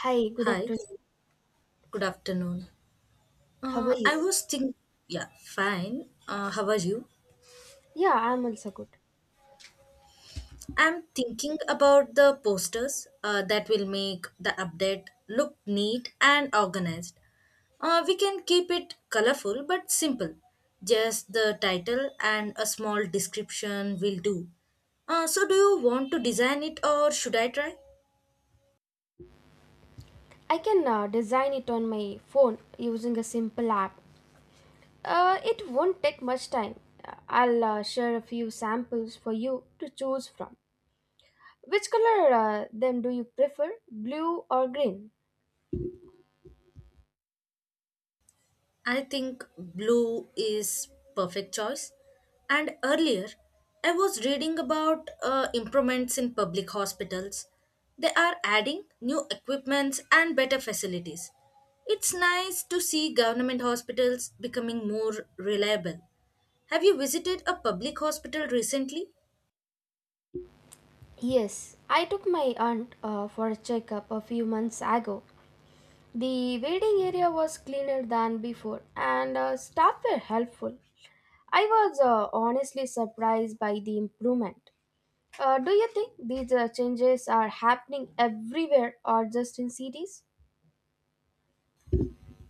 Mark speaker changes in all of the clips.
Speaker 1: Hi, good
Speaker 2: Hi,
Speaker 1: afternoon.
Speaker 2: good afternoon.
Speaker 1: How are
Speaker 2: Uh, I
Speaker 1: you?
Speaker 2: was think, yeah, fine. How are you?
Speaker 1: Yeah, I'm also good.
Speaker 2: I'm thinking about the posters that will make the update look neat and organized. We can keep it colorful but simple. Just the title and a small description will do. So, do you want to design it or should I try?
Speaker 1: I can design it on my phone using a simple app. It won't take much time. I'll share a few samples for you to choose from. Which color them do you prefer, blue or green?
Speaker 2: I think blue is perfect choice. And earlier, I was reading about improvements in public hospitals. They are adding new equipments and better facilities. It's nice to see government hospitals becoming more reliable. Have you visited a public hospital recently?
Speaker 1: Yes, I took my aunt for a checkup a few months ago. The waiting area was cleaner than before, and staff were helpful. I was honestly surprised by the improvement. Do you think these changes are happening everywhere or just in cities?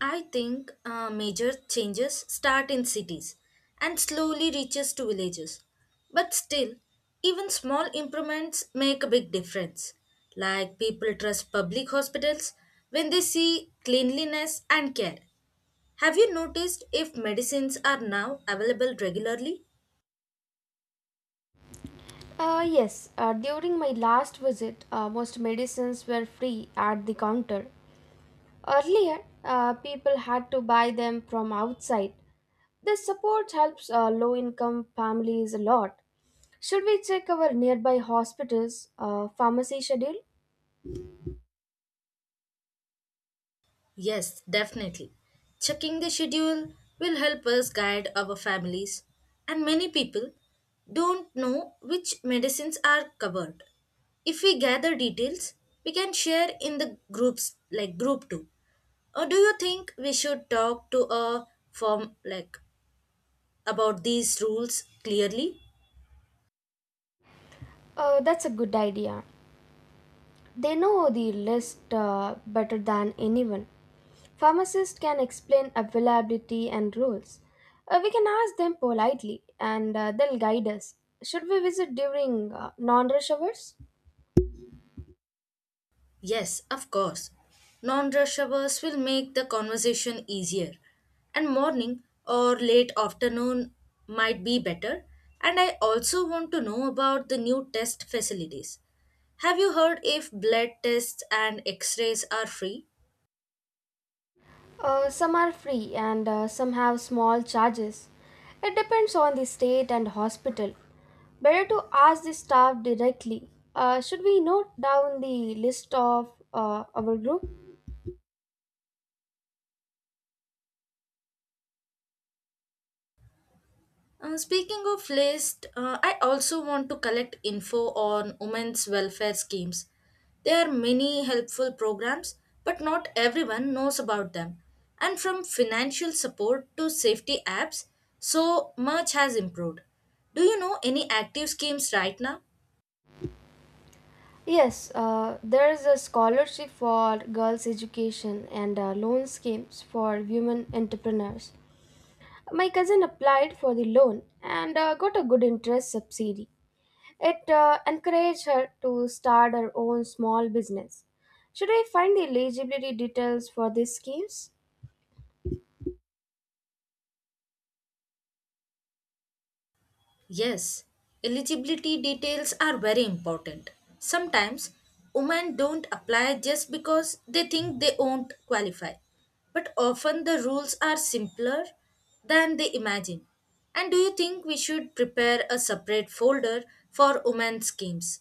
Speaker 2: I think major changes start in cities and slowly reaches to villages. But still, even small improvements make a big difference. Like people trust public hospitals when they see cleanliness and care. Have you noticed if medicines are now available regularly?
Speaker 1: Yes, during my last visit, most medicines were free at the counter. Earlier, people had to buy them from outside. This support helps low income families a lot. Should we check our nearby hospitals' pharmacy schedule?
Speaker 2: Yes, definitely. Checking the schedule will help us guide our families, and many people don't know which medicines are covered. If we gather details, we can share in the groups like group 2. Or do you think we should talk to a firm like about these rules clearly?
Speaker 1: That's a good idea. They know the list better than anyone. Pharmacists can explain availability and rules. We can ask them politely and they'll guide us. Should we visit during non rush hours?
Speaker 2: Yes, of course. Non rush hours will make the conversation easier, and morning or late afternoon might be better. And I also want to know about the new test facilities. Have you heard if blood tests and x rays are free?
Speaker 1: Some are free and some have small charges. It depends on the state and hospital. Better to ask the staff directly. Should we note down the list of our group?
Speaker 2: Speaking of list, I also want to collect info on women's welfare schemes. There are many helpful programs, but not everyone knows about them. And from financial support to safety apps, so much has improved. Do you know any active schemes right now?
Speaker 1: Yes, there is a scholarship for girls' education and loan schemes for women entrepreneurs. My cousin applied for the loan and got a good interest subsidy. It encouraged her to start her own small business. Should I find the eligibility details for these schemes?
Speaker 2: Yes, eligibility details are very important. Sometimes women don't apply just because they think they won't qualify. But often the rules are simpler than they imagine. And do you think we should prepare a separate folder for women's schemes?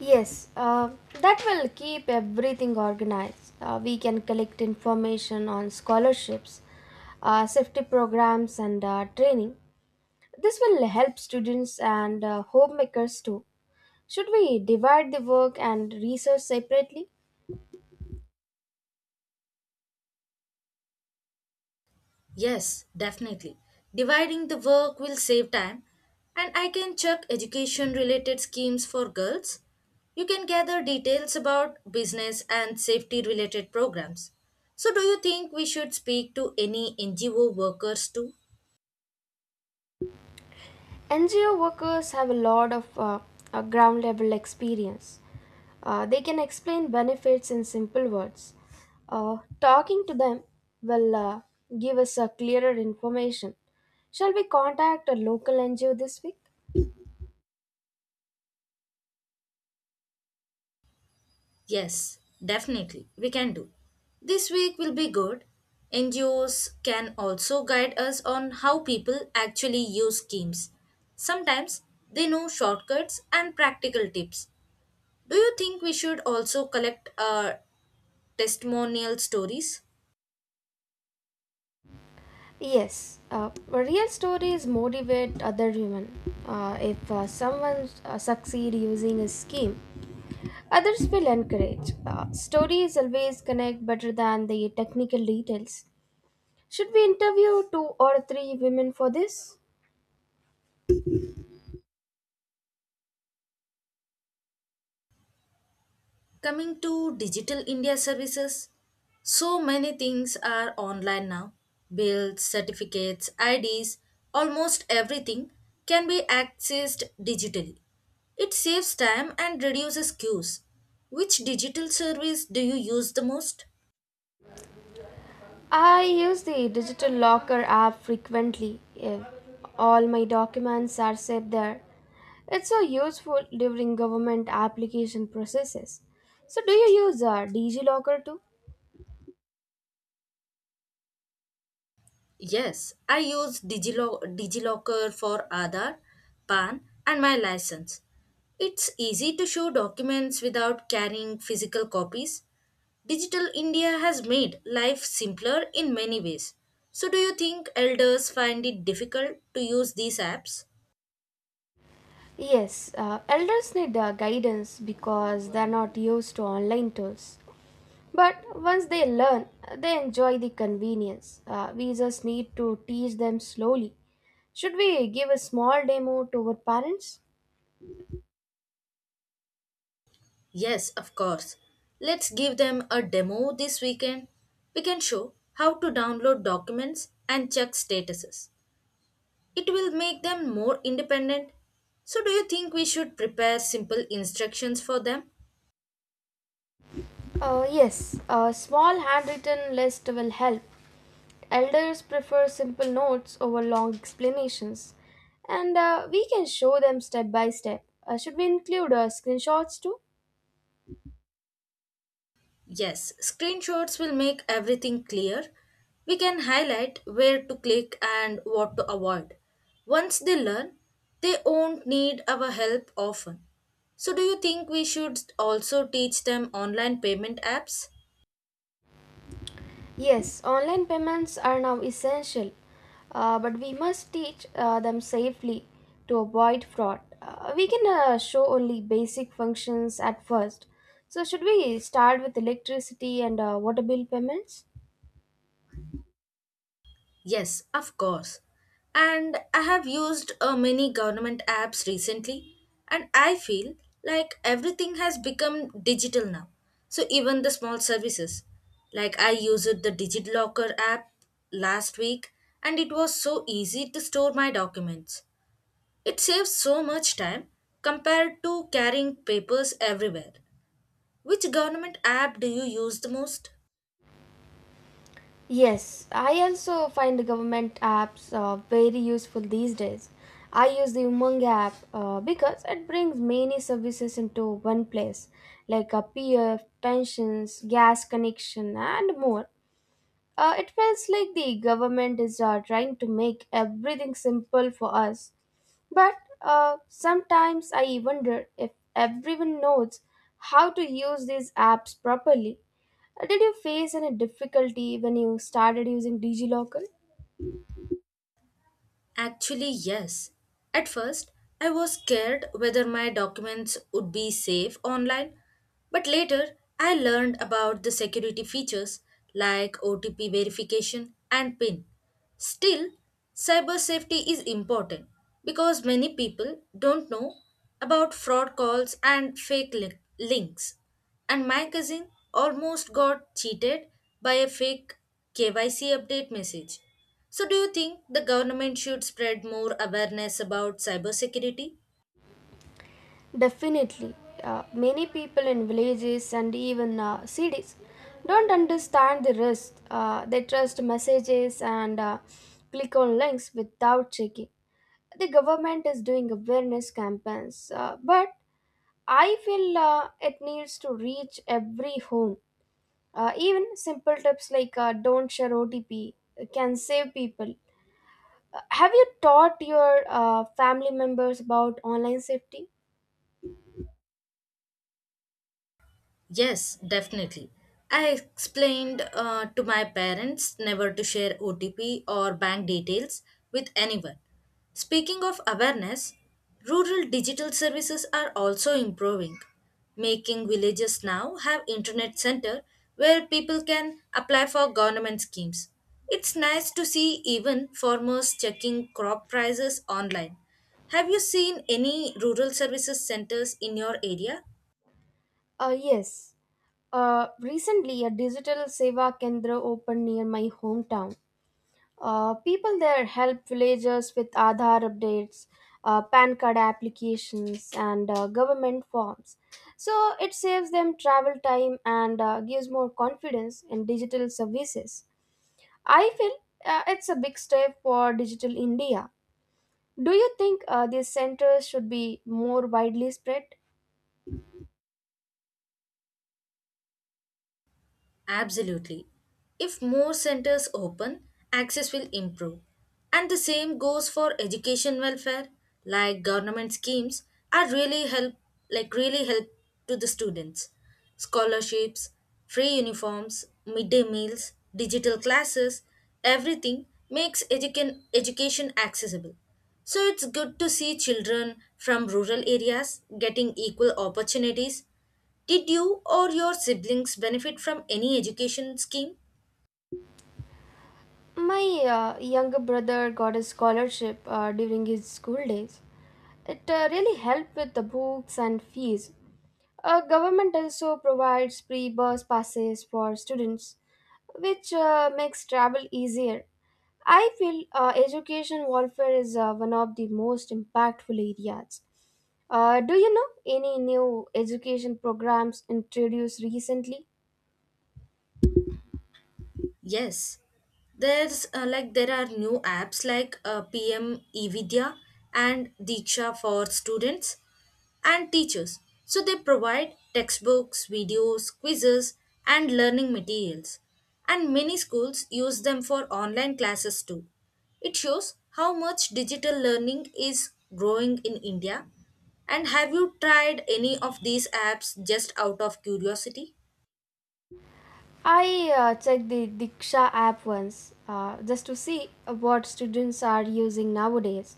Speaker 1: Yes, that will keep everything organized. We can collect information on scholarships, safety programs, and training. This will help students and homemakers too. Should we divide the work and research separately?
Speaker 2: Yes, definitely. Dividing the work will save time, and I can check education related schemes for girls. You can gather details about business and safety related programs. So, do you think we should speak to any NGO workers too?
Speaker 1: NGO workers have a lot of ground level experience. They can explain benefits in simple words. Talking to them will give us a clearer information. Shall we contact a local NGO this week?
Speaker 2: Yes, definitely, we can do. This week will be good. NGOs can also guide us on how people actually use schemes. Sometimes they know shortcuts and practical tips. Do you think we should also collect testimonial stories?
Speaker 1: Yes, real stories motivate other women. If someone succeed using a scheme, others will encourage. Stories always connect better than the technical details. Should we interview two or three women for this?
Speaker 2: Coming to Digital India services, so many things are online now. Bills, certificates, IDs, almost everything can be accessed digitally. It saves time and reduces queues. Which digital service do you use the most?
Speaker 1: I use the digital locker app frequently. If all my documents are saved there, it's so useful during government application processes. So, do you use DigiLocker too?
Speaker 2: Yes, I use DigiLocker for Aadhaar, PAN, and my license. It's easy to show documents without carrying physical copies. Digital India has made life simpler in many ways. So, do you think elders find it difficult to use these apps?
Speaker 1: Yes, elders need guidance because they're not used to online tools. But once they learn, they enjoy the convenience. We just need to teach them slowly. Should we give a small demo to our parents?
Speaker 2: Yes, of course. Let's give them a demo this weekend. We can show how to download documents and check statuses. It will make them more independent. So, do you think we should prepare simple instructions for them?
Speaker 1: Yes, a small handwritten list will help. Elders prefer simple notes over long explanations, and we can show them step by step. Should we include screenshots too?
Speaker 2: Yes, screenshots will make everything clear. We can highlight where to click and what to avoid. Once they learn, they won't need our help often. So, do you think we should also teach them online payment apps?
Speaker 1: Yes, online payments are now essential, but we must teach them safely to avoid fraud. We can show only basic functions at first. So, should we start with electricity and water bill payments?
Speaker 2: Yes, of course. And I have used many government apps recently, and I feel like everything has become digital now. So even the small services, like I used the DigiLocker app last week, and it was so easy to store my documents. It saves so much time compared to carrying papers everywhere. Which government app do you use the most?
Speaker 1: Yes, I also find the government apps very useful these days. I use the Umang app because it brings many services into one place, like a PF, pensions, gas connection, and more. It feels like the government is trying to make everything simple for us. But sometimes I wonder if everyone knows how to use these apps properly. Did you face any difficulty when you started using DigiLocker?
Speaker 2: Actually, yes. At first, I was scared whether my documents would be safe online, but later I learned about the security features like OTP verification and PIN. Still, cyber safety is important because many people don't know about fraud calls and fake links. And my cousin almost got cheated by a fake KYC update message. So, do you think the government should spread more awareness about cybersecurity?
Speaker 1: Definitely. Many people in villages and even cities don't understand the risk. They trust messages and click on links without checking. The government is doing awareness campaigns, but I feel it needs to reach every home. Even simple tips like don't share OTP can save people. Have you taught your family members about online safety?
Speaker 2: Yes, definitely. I explained to my parents never to share OTP or bank details with anyone. Speaking of awareness, rural digital services are also improving, making villages now have internet center where people can apply for government schemes. It's nice to see even farmers checking crop prices online. Have you seen any rural services centers in your area?
Speaker 1: Yes. Recently, a digital Seva Kendra opened near my hometown. People there help villagers with Aadhaar updates, PAN card applications, and government forms. So it saves them travel time and gives more confidence in digital services. I feel it's a big step for digital India. Do you think these centers should be more widely spread?
Speaker 2: Absolutely. If more centers open, access will improve. And the same goes for education welfare, like government schemes are really help like really help to the students. Scholarships, free uniforms, midday meals, digital classes, everything makes education accessible. So it's good to see children from rural areas getting equal opportunities. Did you or your siblings benefit from any education scheme?
Speaker 1: My younger brother got a scholarship during his school days. It really helped with the books and fees. Government also provides free bus passes for students, which makes travel easier. I feel education welfare is one of the most impactful areas. Do you know any new education programs introduced recently?
Speaker 2: Yes, there are new apps like PM eVidya and Diksha for students and teachers. So they provide textbooks, videos, quizzes, and learning materials. And many schools use them for online classes too. It shows how much digital learning is growing in India. And have you tried any of these apps just out of curiosity?
Speaker 1: I checked the Diksha app once just to see what students are using nowadays.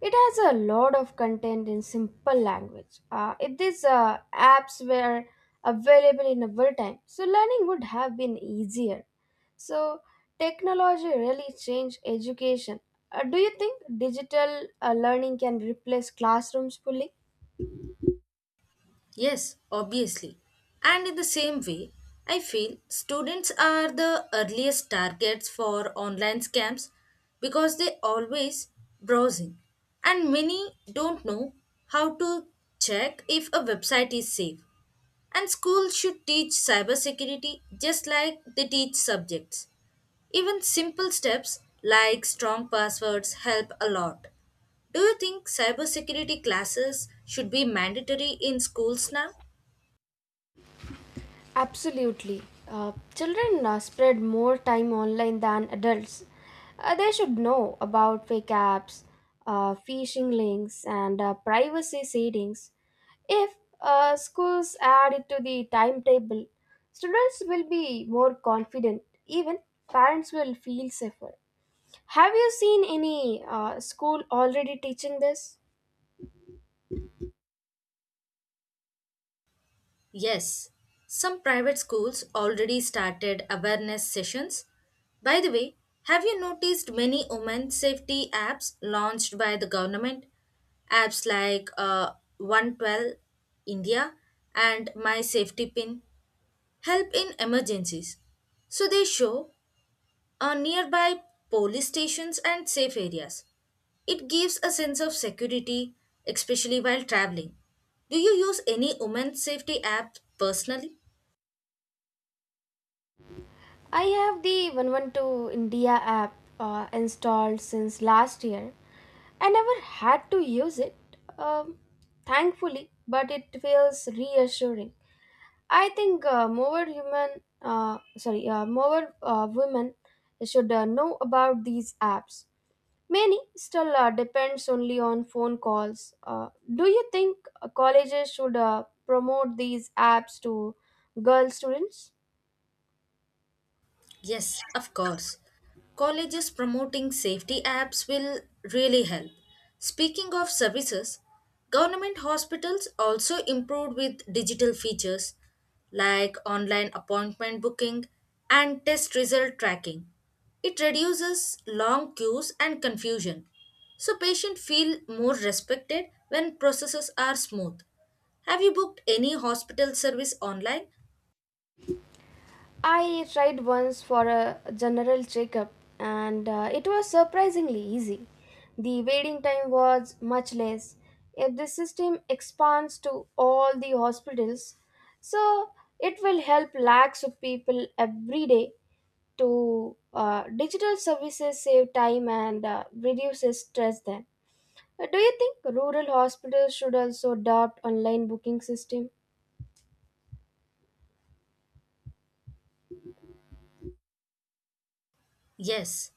Speaker 1: It has a lot of content in simple language. If these apps were available in our time, so learning would have been easier. So technology really changed education. Do you think digital learning can replace classrooms fully?
Speaker 2: Yes, obviously. And in the same way, I feel students are the earliest targets for online scams because they always browsing and many don't know how to check if a website is safe. And schools should teach cybersecurity just like they teach subjects. Even simple steps like strong passwords help a lot. Do you think cybersecurity classes should be mandatory in schools now?
Speaker 1: Absolutely. Children spread more time online than adults. They should know about fake apps, phishing links, and privacy settings. If schools add it to the timetable, students will be more confident. Even parents will feel safer. Have you seen any school already teaching this?
Speaker 2: Yes, some private schools already started awareness sessions. By the way, have you noticed many women safety apps launched by the government? Apps like 112 India and My Safety Pin help in emergencies. So they show nearby police stations and safe areas. It gives a sense of security, especially while traveling. Do you use any women's safety app personally?
Speaker 1: I have the 112 India app installed since last year. I never had to use it, um, thankfully, but it feels reassuring. I think more women should know about these apps. Many still depends only on phone calls. Do you think colleges should promote these apps to girl students?
Speaker 2: Yes, of course. Colleges promoting safety apps will really help. Speaking of services, government hospitals also improved with digital features like online appointment booking and test result tracking. It reduces long queues and confusion, so patients feel more respected when processes are smooth. Have you booked any hospital service online?
Speaker 1: I tried once for a general checkup and it was surprisingly easy. The waiting time was much less if the system expands to all the hospitals. So it will help lakhs of people every day to digital services save time and reduces stress then. Do you think rural hospitals should also adopt online booking system?
Speaker 2: Yes,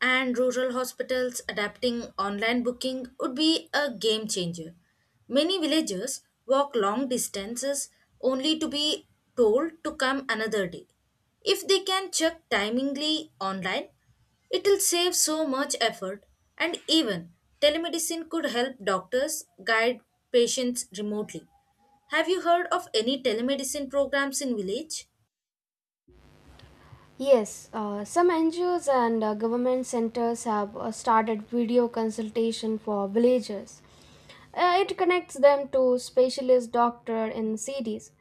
Speaker 2: and rural hospitals adapting online booking would be a game changer. Many villagers walk long distances only to be told to come another day. If they can check timingly online, it will save so much effort, and even telemedicine could help doctors guide patients remotely. Have you heard of any telemedicine programs in village?
Speaker 1: Yes, some NGOs and government centers have started video consultation for villagers. It connects them to specialist doctor in cities.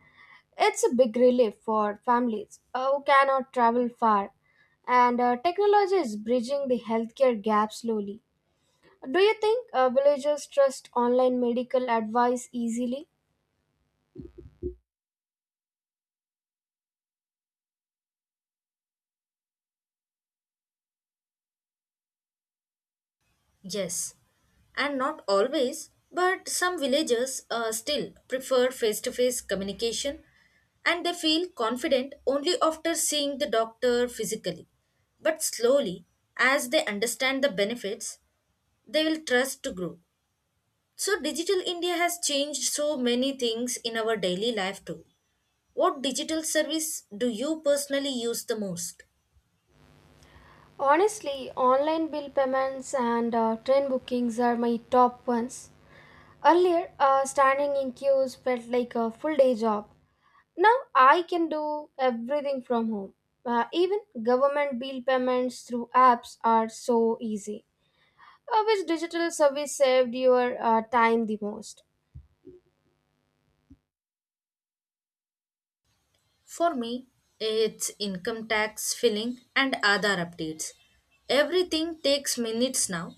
Speaker 1: It's a big relief for families who cannot travel far, and technology is bridging the healthcare gap slowly. Do you think villagers trust online medical advice easily?
Speaker 2: Yes, and not always, but some villagers still prefer face to face communication and they feel confident only after seeing the doctor physically. But slowly, as they understand the benefits, they will trust to grow. So, Digital India has changed so many things in our daily life too. What digital service do you personally use the most?
Speaker 1: Honestly, online bill payments and train bookings are my top ones. Earlier, standing in queues felt like a full day job. Now I can do everything from home. Even government bill payments through apps are so easy. Which digital service saved your time the most?
Speaker 2: For me, it's income tax filling and Aadhaar updates. Everything takes minutes now.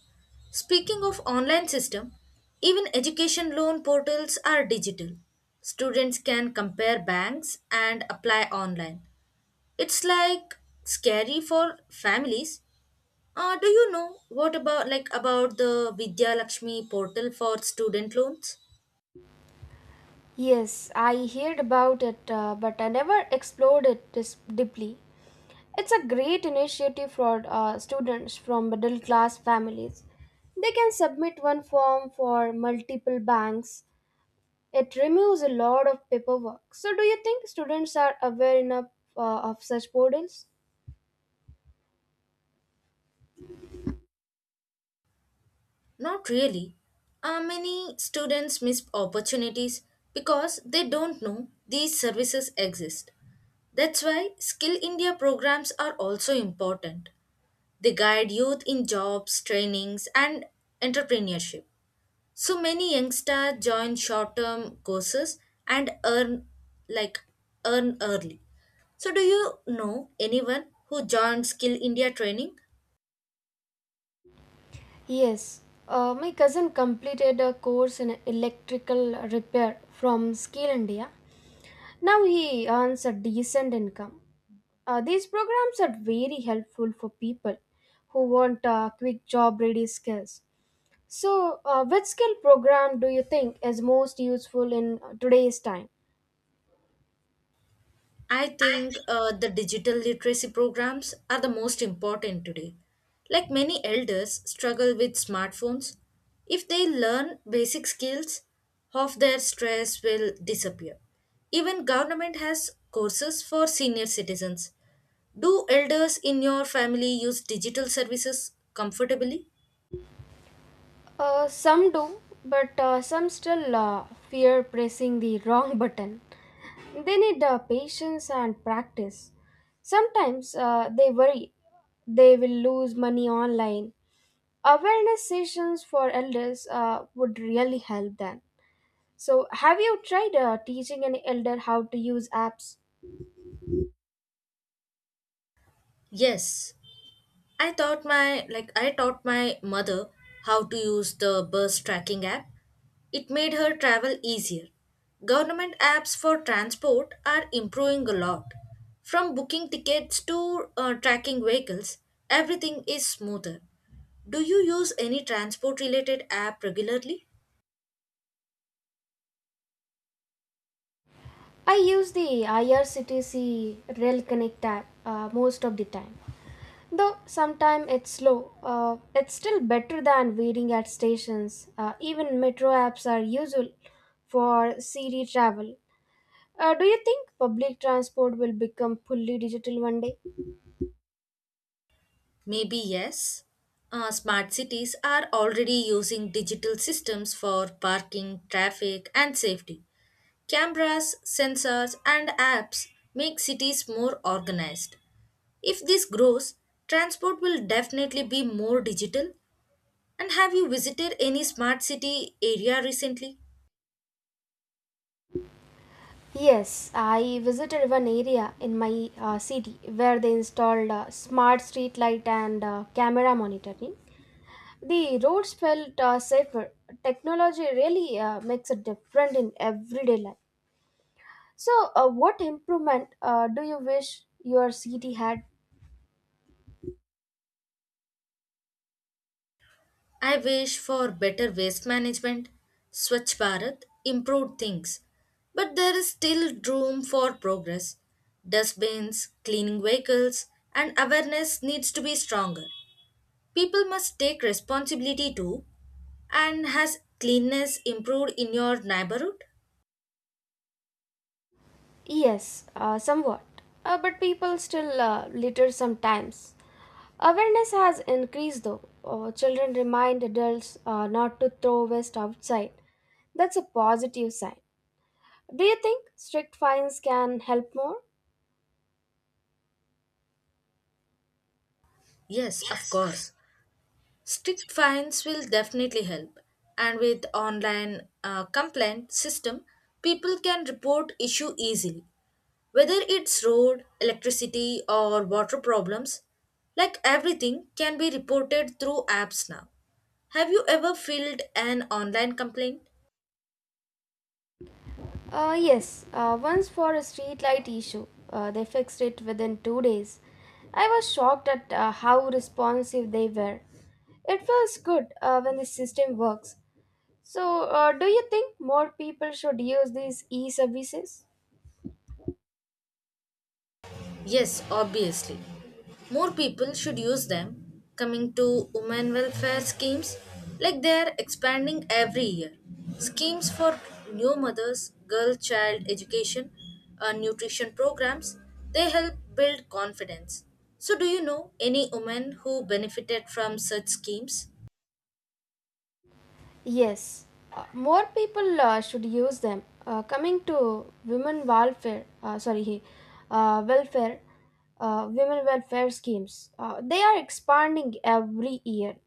Speaker 2: Speaking of online system, even education loan portals are digital. Students can compare banks and apply online. It's like scary for families. Do you know what about like about the Vidya Lakshmi portal for student loans?
Speaker 1: Yes, I heard about it, but I never explored it this deeply. It's a great initiative for students from middle class families. They can submit one form for multiple banks. It removes a lot of paperwork. So, do you think students are aware enough of such portals?
Speaker 2: Not really. Many students miss opportunities because they don't know these services exist. That's why Skill India programs are also important. They guide youth in jobs, trainings, and entrepreneurship. So many youngsters join short-term courses and like earn early. So do you know anyone who joined Skill India training?
Speaker 1: Yes, my cousin completed a course in electrical repair from Skill India. Now he earns a decent income. These programs are very helpful for people who want quick job ready skills. So, which skill program do you think is most useful in today's time?
Speaker 2: I think the digital literacy programs are the most important today. Like many elders struggle with smartphones, if they learn basic skills, half their stress will disappear. Even government has courses for senior citizens. Do elders in your family use digital services comfortably?
Speaker 1: Some do, but some still fear pressing the wrong button. They need patience and practice. Sometimes they worry they will lose money online. Awareness sessions for elders would really help them. So, have you tried teaching an elder how to use apps?
Speaker 2: Yes, I taught my mother how to use the bus tracking app. It made her travel easier. Government apps for transport are improving a lot. From booking tickets to tracking vehicles, everything is smoother. Do you use any transport related app regularly?
Speaker 1: I use the IRCTC Rail Connect app most of the time. Though sometimes it's slow, it's still better than waiting at stations. Even metro apps are useful for city travel. Do you think public transport will become fully digital one day?
Speaker 2: Maybe yes. Smart cities are already using digital systems for parking, traffic, and safety. Cameras, sensors, and apps make cities more organized. If this grows, transport will definitely be more digital. And have you visited any smart city area recently?
Speaker 1: Yes, I visited one area in my city where they installed smart street light and camera monitoring. The roads felt safer. Technology really makes a difference in everyday life. So, what improvement do you wish your city had?
Speaker 2: I wish for better waste management. Swachh Bharat improved things, but there is still room for progress. Dustbins, cleaning vehicles, and awareness needs to be stronger. People must take responsibility too. And has cleanness improved in your neighborhood?
Speaker 1: Yes, somewhat. But people still litter sometimes. Awareness has increased though. Children remind adults not to throw waste outside. That's a positive sign. Do you think strict fines can help more?
Speaker 2: Yes, of course. Strict fines will definitely help. And with online complaint system, people can report issue easily. Whether it's road, electricity or water problems, like everything can be reported through apps now. Have you ever filled an online complaint?
Speaker 1: Yes, once for a streetlight issue, they fixed it within 2 days. I was shocked at how responsive they were. It feels good when the system works. So, do you think more people should use these e services?
Speaker 2: Yes, obviously. More people should use them. Coming to women welfare schemes, like they are expanding every year. Schemes for new mothers, girl child education, nutrition programs, they help build confidence. So, do you know any women who benefited from such schemes?
Speaker 1: Yes, more people should use them. Coming to women welfare, sorry, welfare, women welfare schemes, they are expanding every year.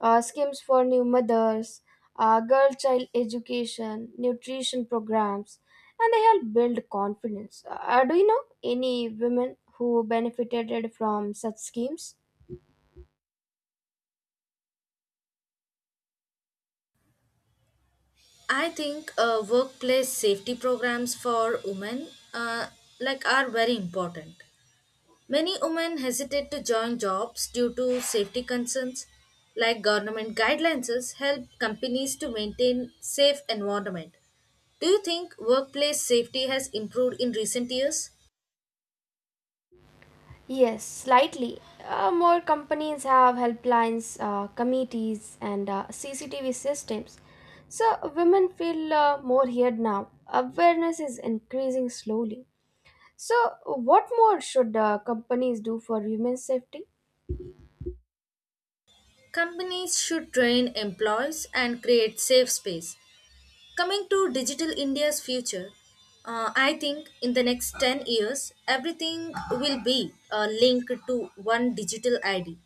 Speaker 1: Schemes for new mothers, girl child education, nutrition programs, and they help build confidence. Do you know any women who benefited from such schemes?
Speaker 2: I think workplace safety programs for women uh, like are very important. Many women hesitate to join jobs due to safety concerns, like government guidelines help companies to maintain safe environment. Do you think workplace safety has improved in recent years?
Speaker 1: Yes, slightly. More companies have helplines, committees, and CCTV systems. So women feel more heard now. Awareness is increasing slowly. So, what more should companies do for women's safety?
Speaker 2: Companies should train employees and create safe space. Coming to Digital India's future, I think in the next 10 years, everything will be linked to one digital ID.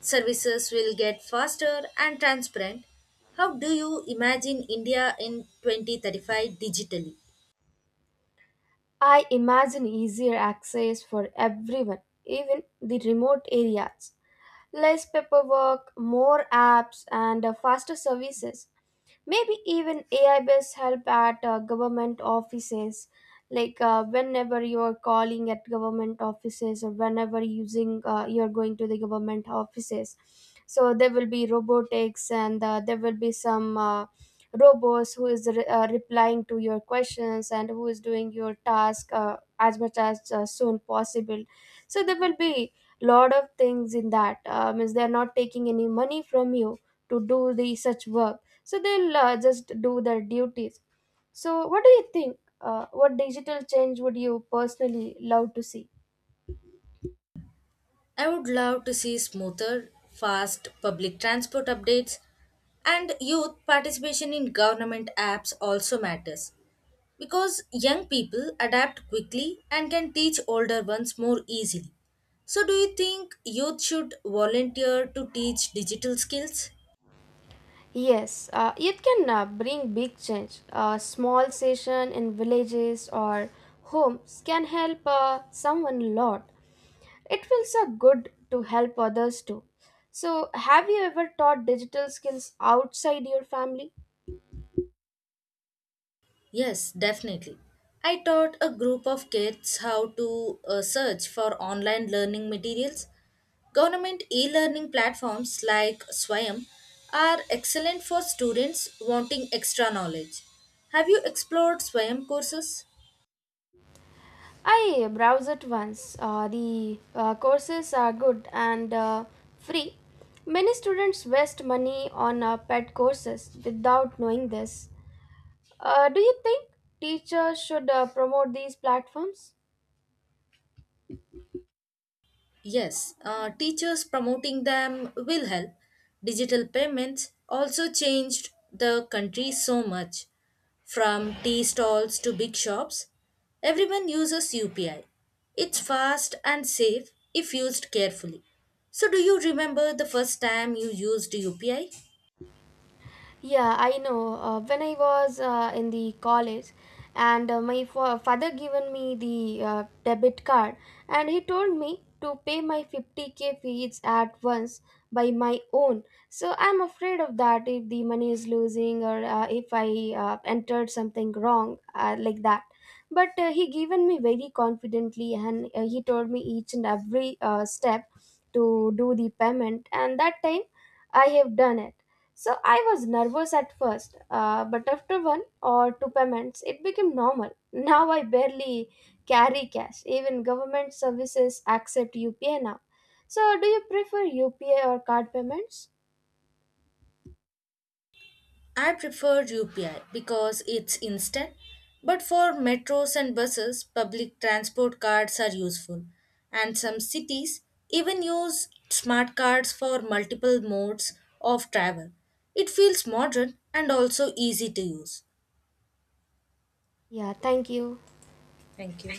Speaker 2: Services will get faster and transparent. How do you imagine India in 2035 digitally?
Speaker 1: I imagine easier access for everyone, even the remote areas. Less paperwork, more apps, and faster services. Maybe even AI based help at government offices. Like whenever you are calling at government offices or whenever using you are going to the government offices, so there will be robotics and there will be some robots who is replying to your questions and who is doing your task as much as soon possible. So there will be lot of things in that means they're not taking any money from you to do the such work, so they'll just do their duties. So what do you think, what digital change would you personally love to see?
Speaker 2: I would love to see smoother, fast public transport updates and youth participation in government apps also matters because young people adapt quickly and can teach older ones more easily. So, do you think youth should volunteer to teach digital skills?
Speaker 1: Yes, it can bring big change. A small session in villages or homes can help someone a lot. It feels good to help others too. So have you ever taught digital skills outside your family?
Speaker 2: Yes, definitely. I taught a group of kids how to search for online learning materials. Government e learning platforms like Swayam are excellent for students wanting extra knowledge. Have you explored Swayam courses?
Speaker 1: I browse it once. The courses are good and free. Many students waste money on pet courses without knowing this. Do you think teachers should promote these platforms?
Speaker 2: Yes, teachers promoting them will help. Digital payments also changed the country so much. From tea stalls to big shops, everyone uses UPI. It's fast and safe if used carefully. So, do you remember the first time you used UPI?
Speaker 1: Yeah, I know. When I was in the college, and my father given me the debit card, and he told me to pay my 50K fees at once by my own. So I'm afraid of that if the money is losing or if I entered something wrong like that. But he given me very confidently, and he told me each and every step to do the payment, and that time I have done it. So I was nervous at first, but after one or two payments, it became normal. Now I barely carry cash. Even government services accept UPI now. So do you prefer UPI or card payments?
Speaker 2: I prefer UPI because it's instant, but for metros and buses, public transport cards are useful. And some cities even use smart cards for multiple modes of travel. It feels modern and also easy to use.
Speaker 1: Yeah, thank you.
Speaker 2: Thank you.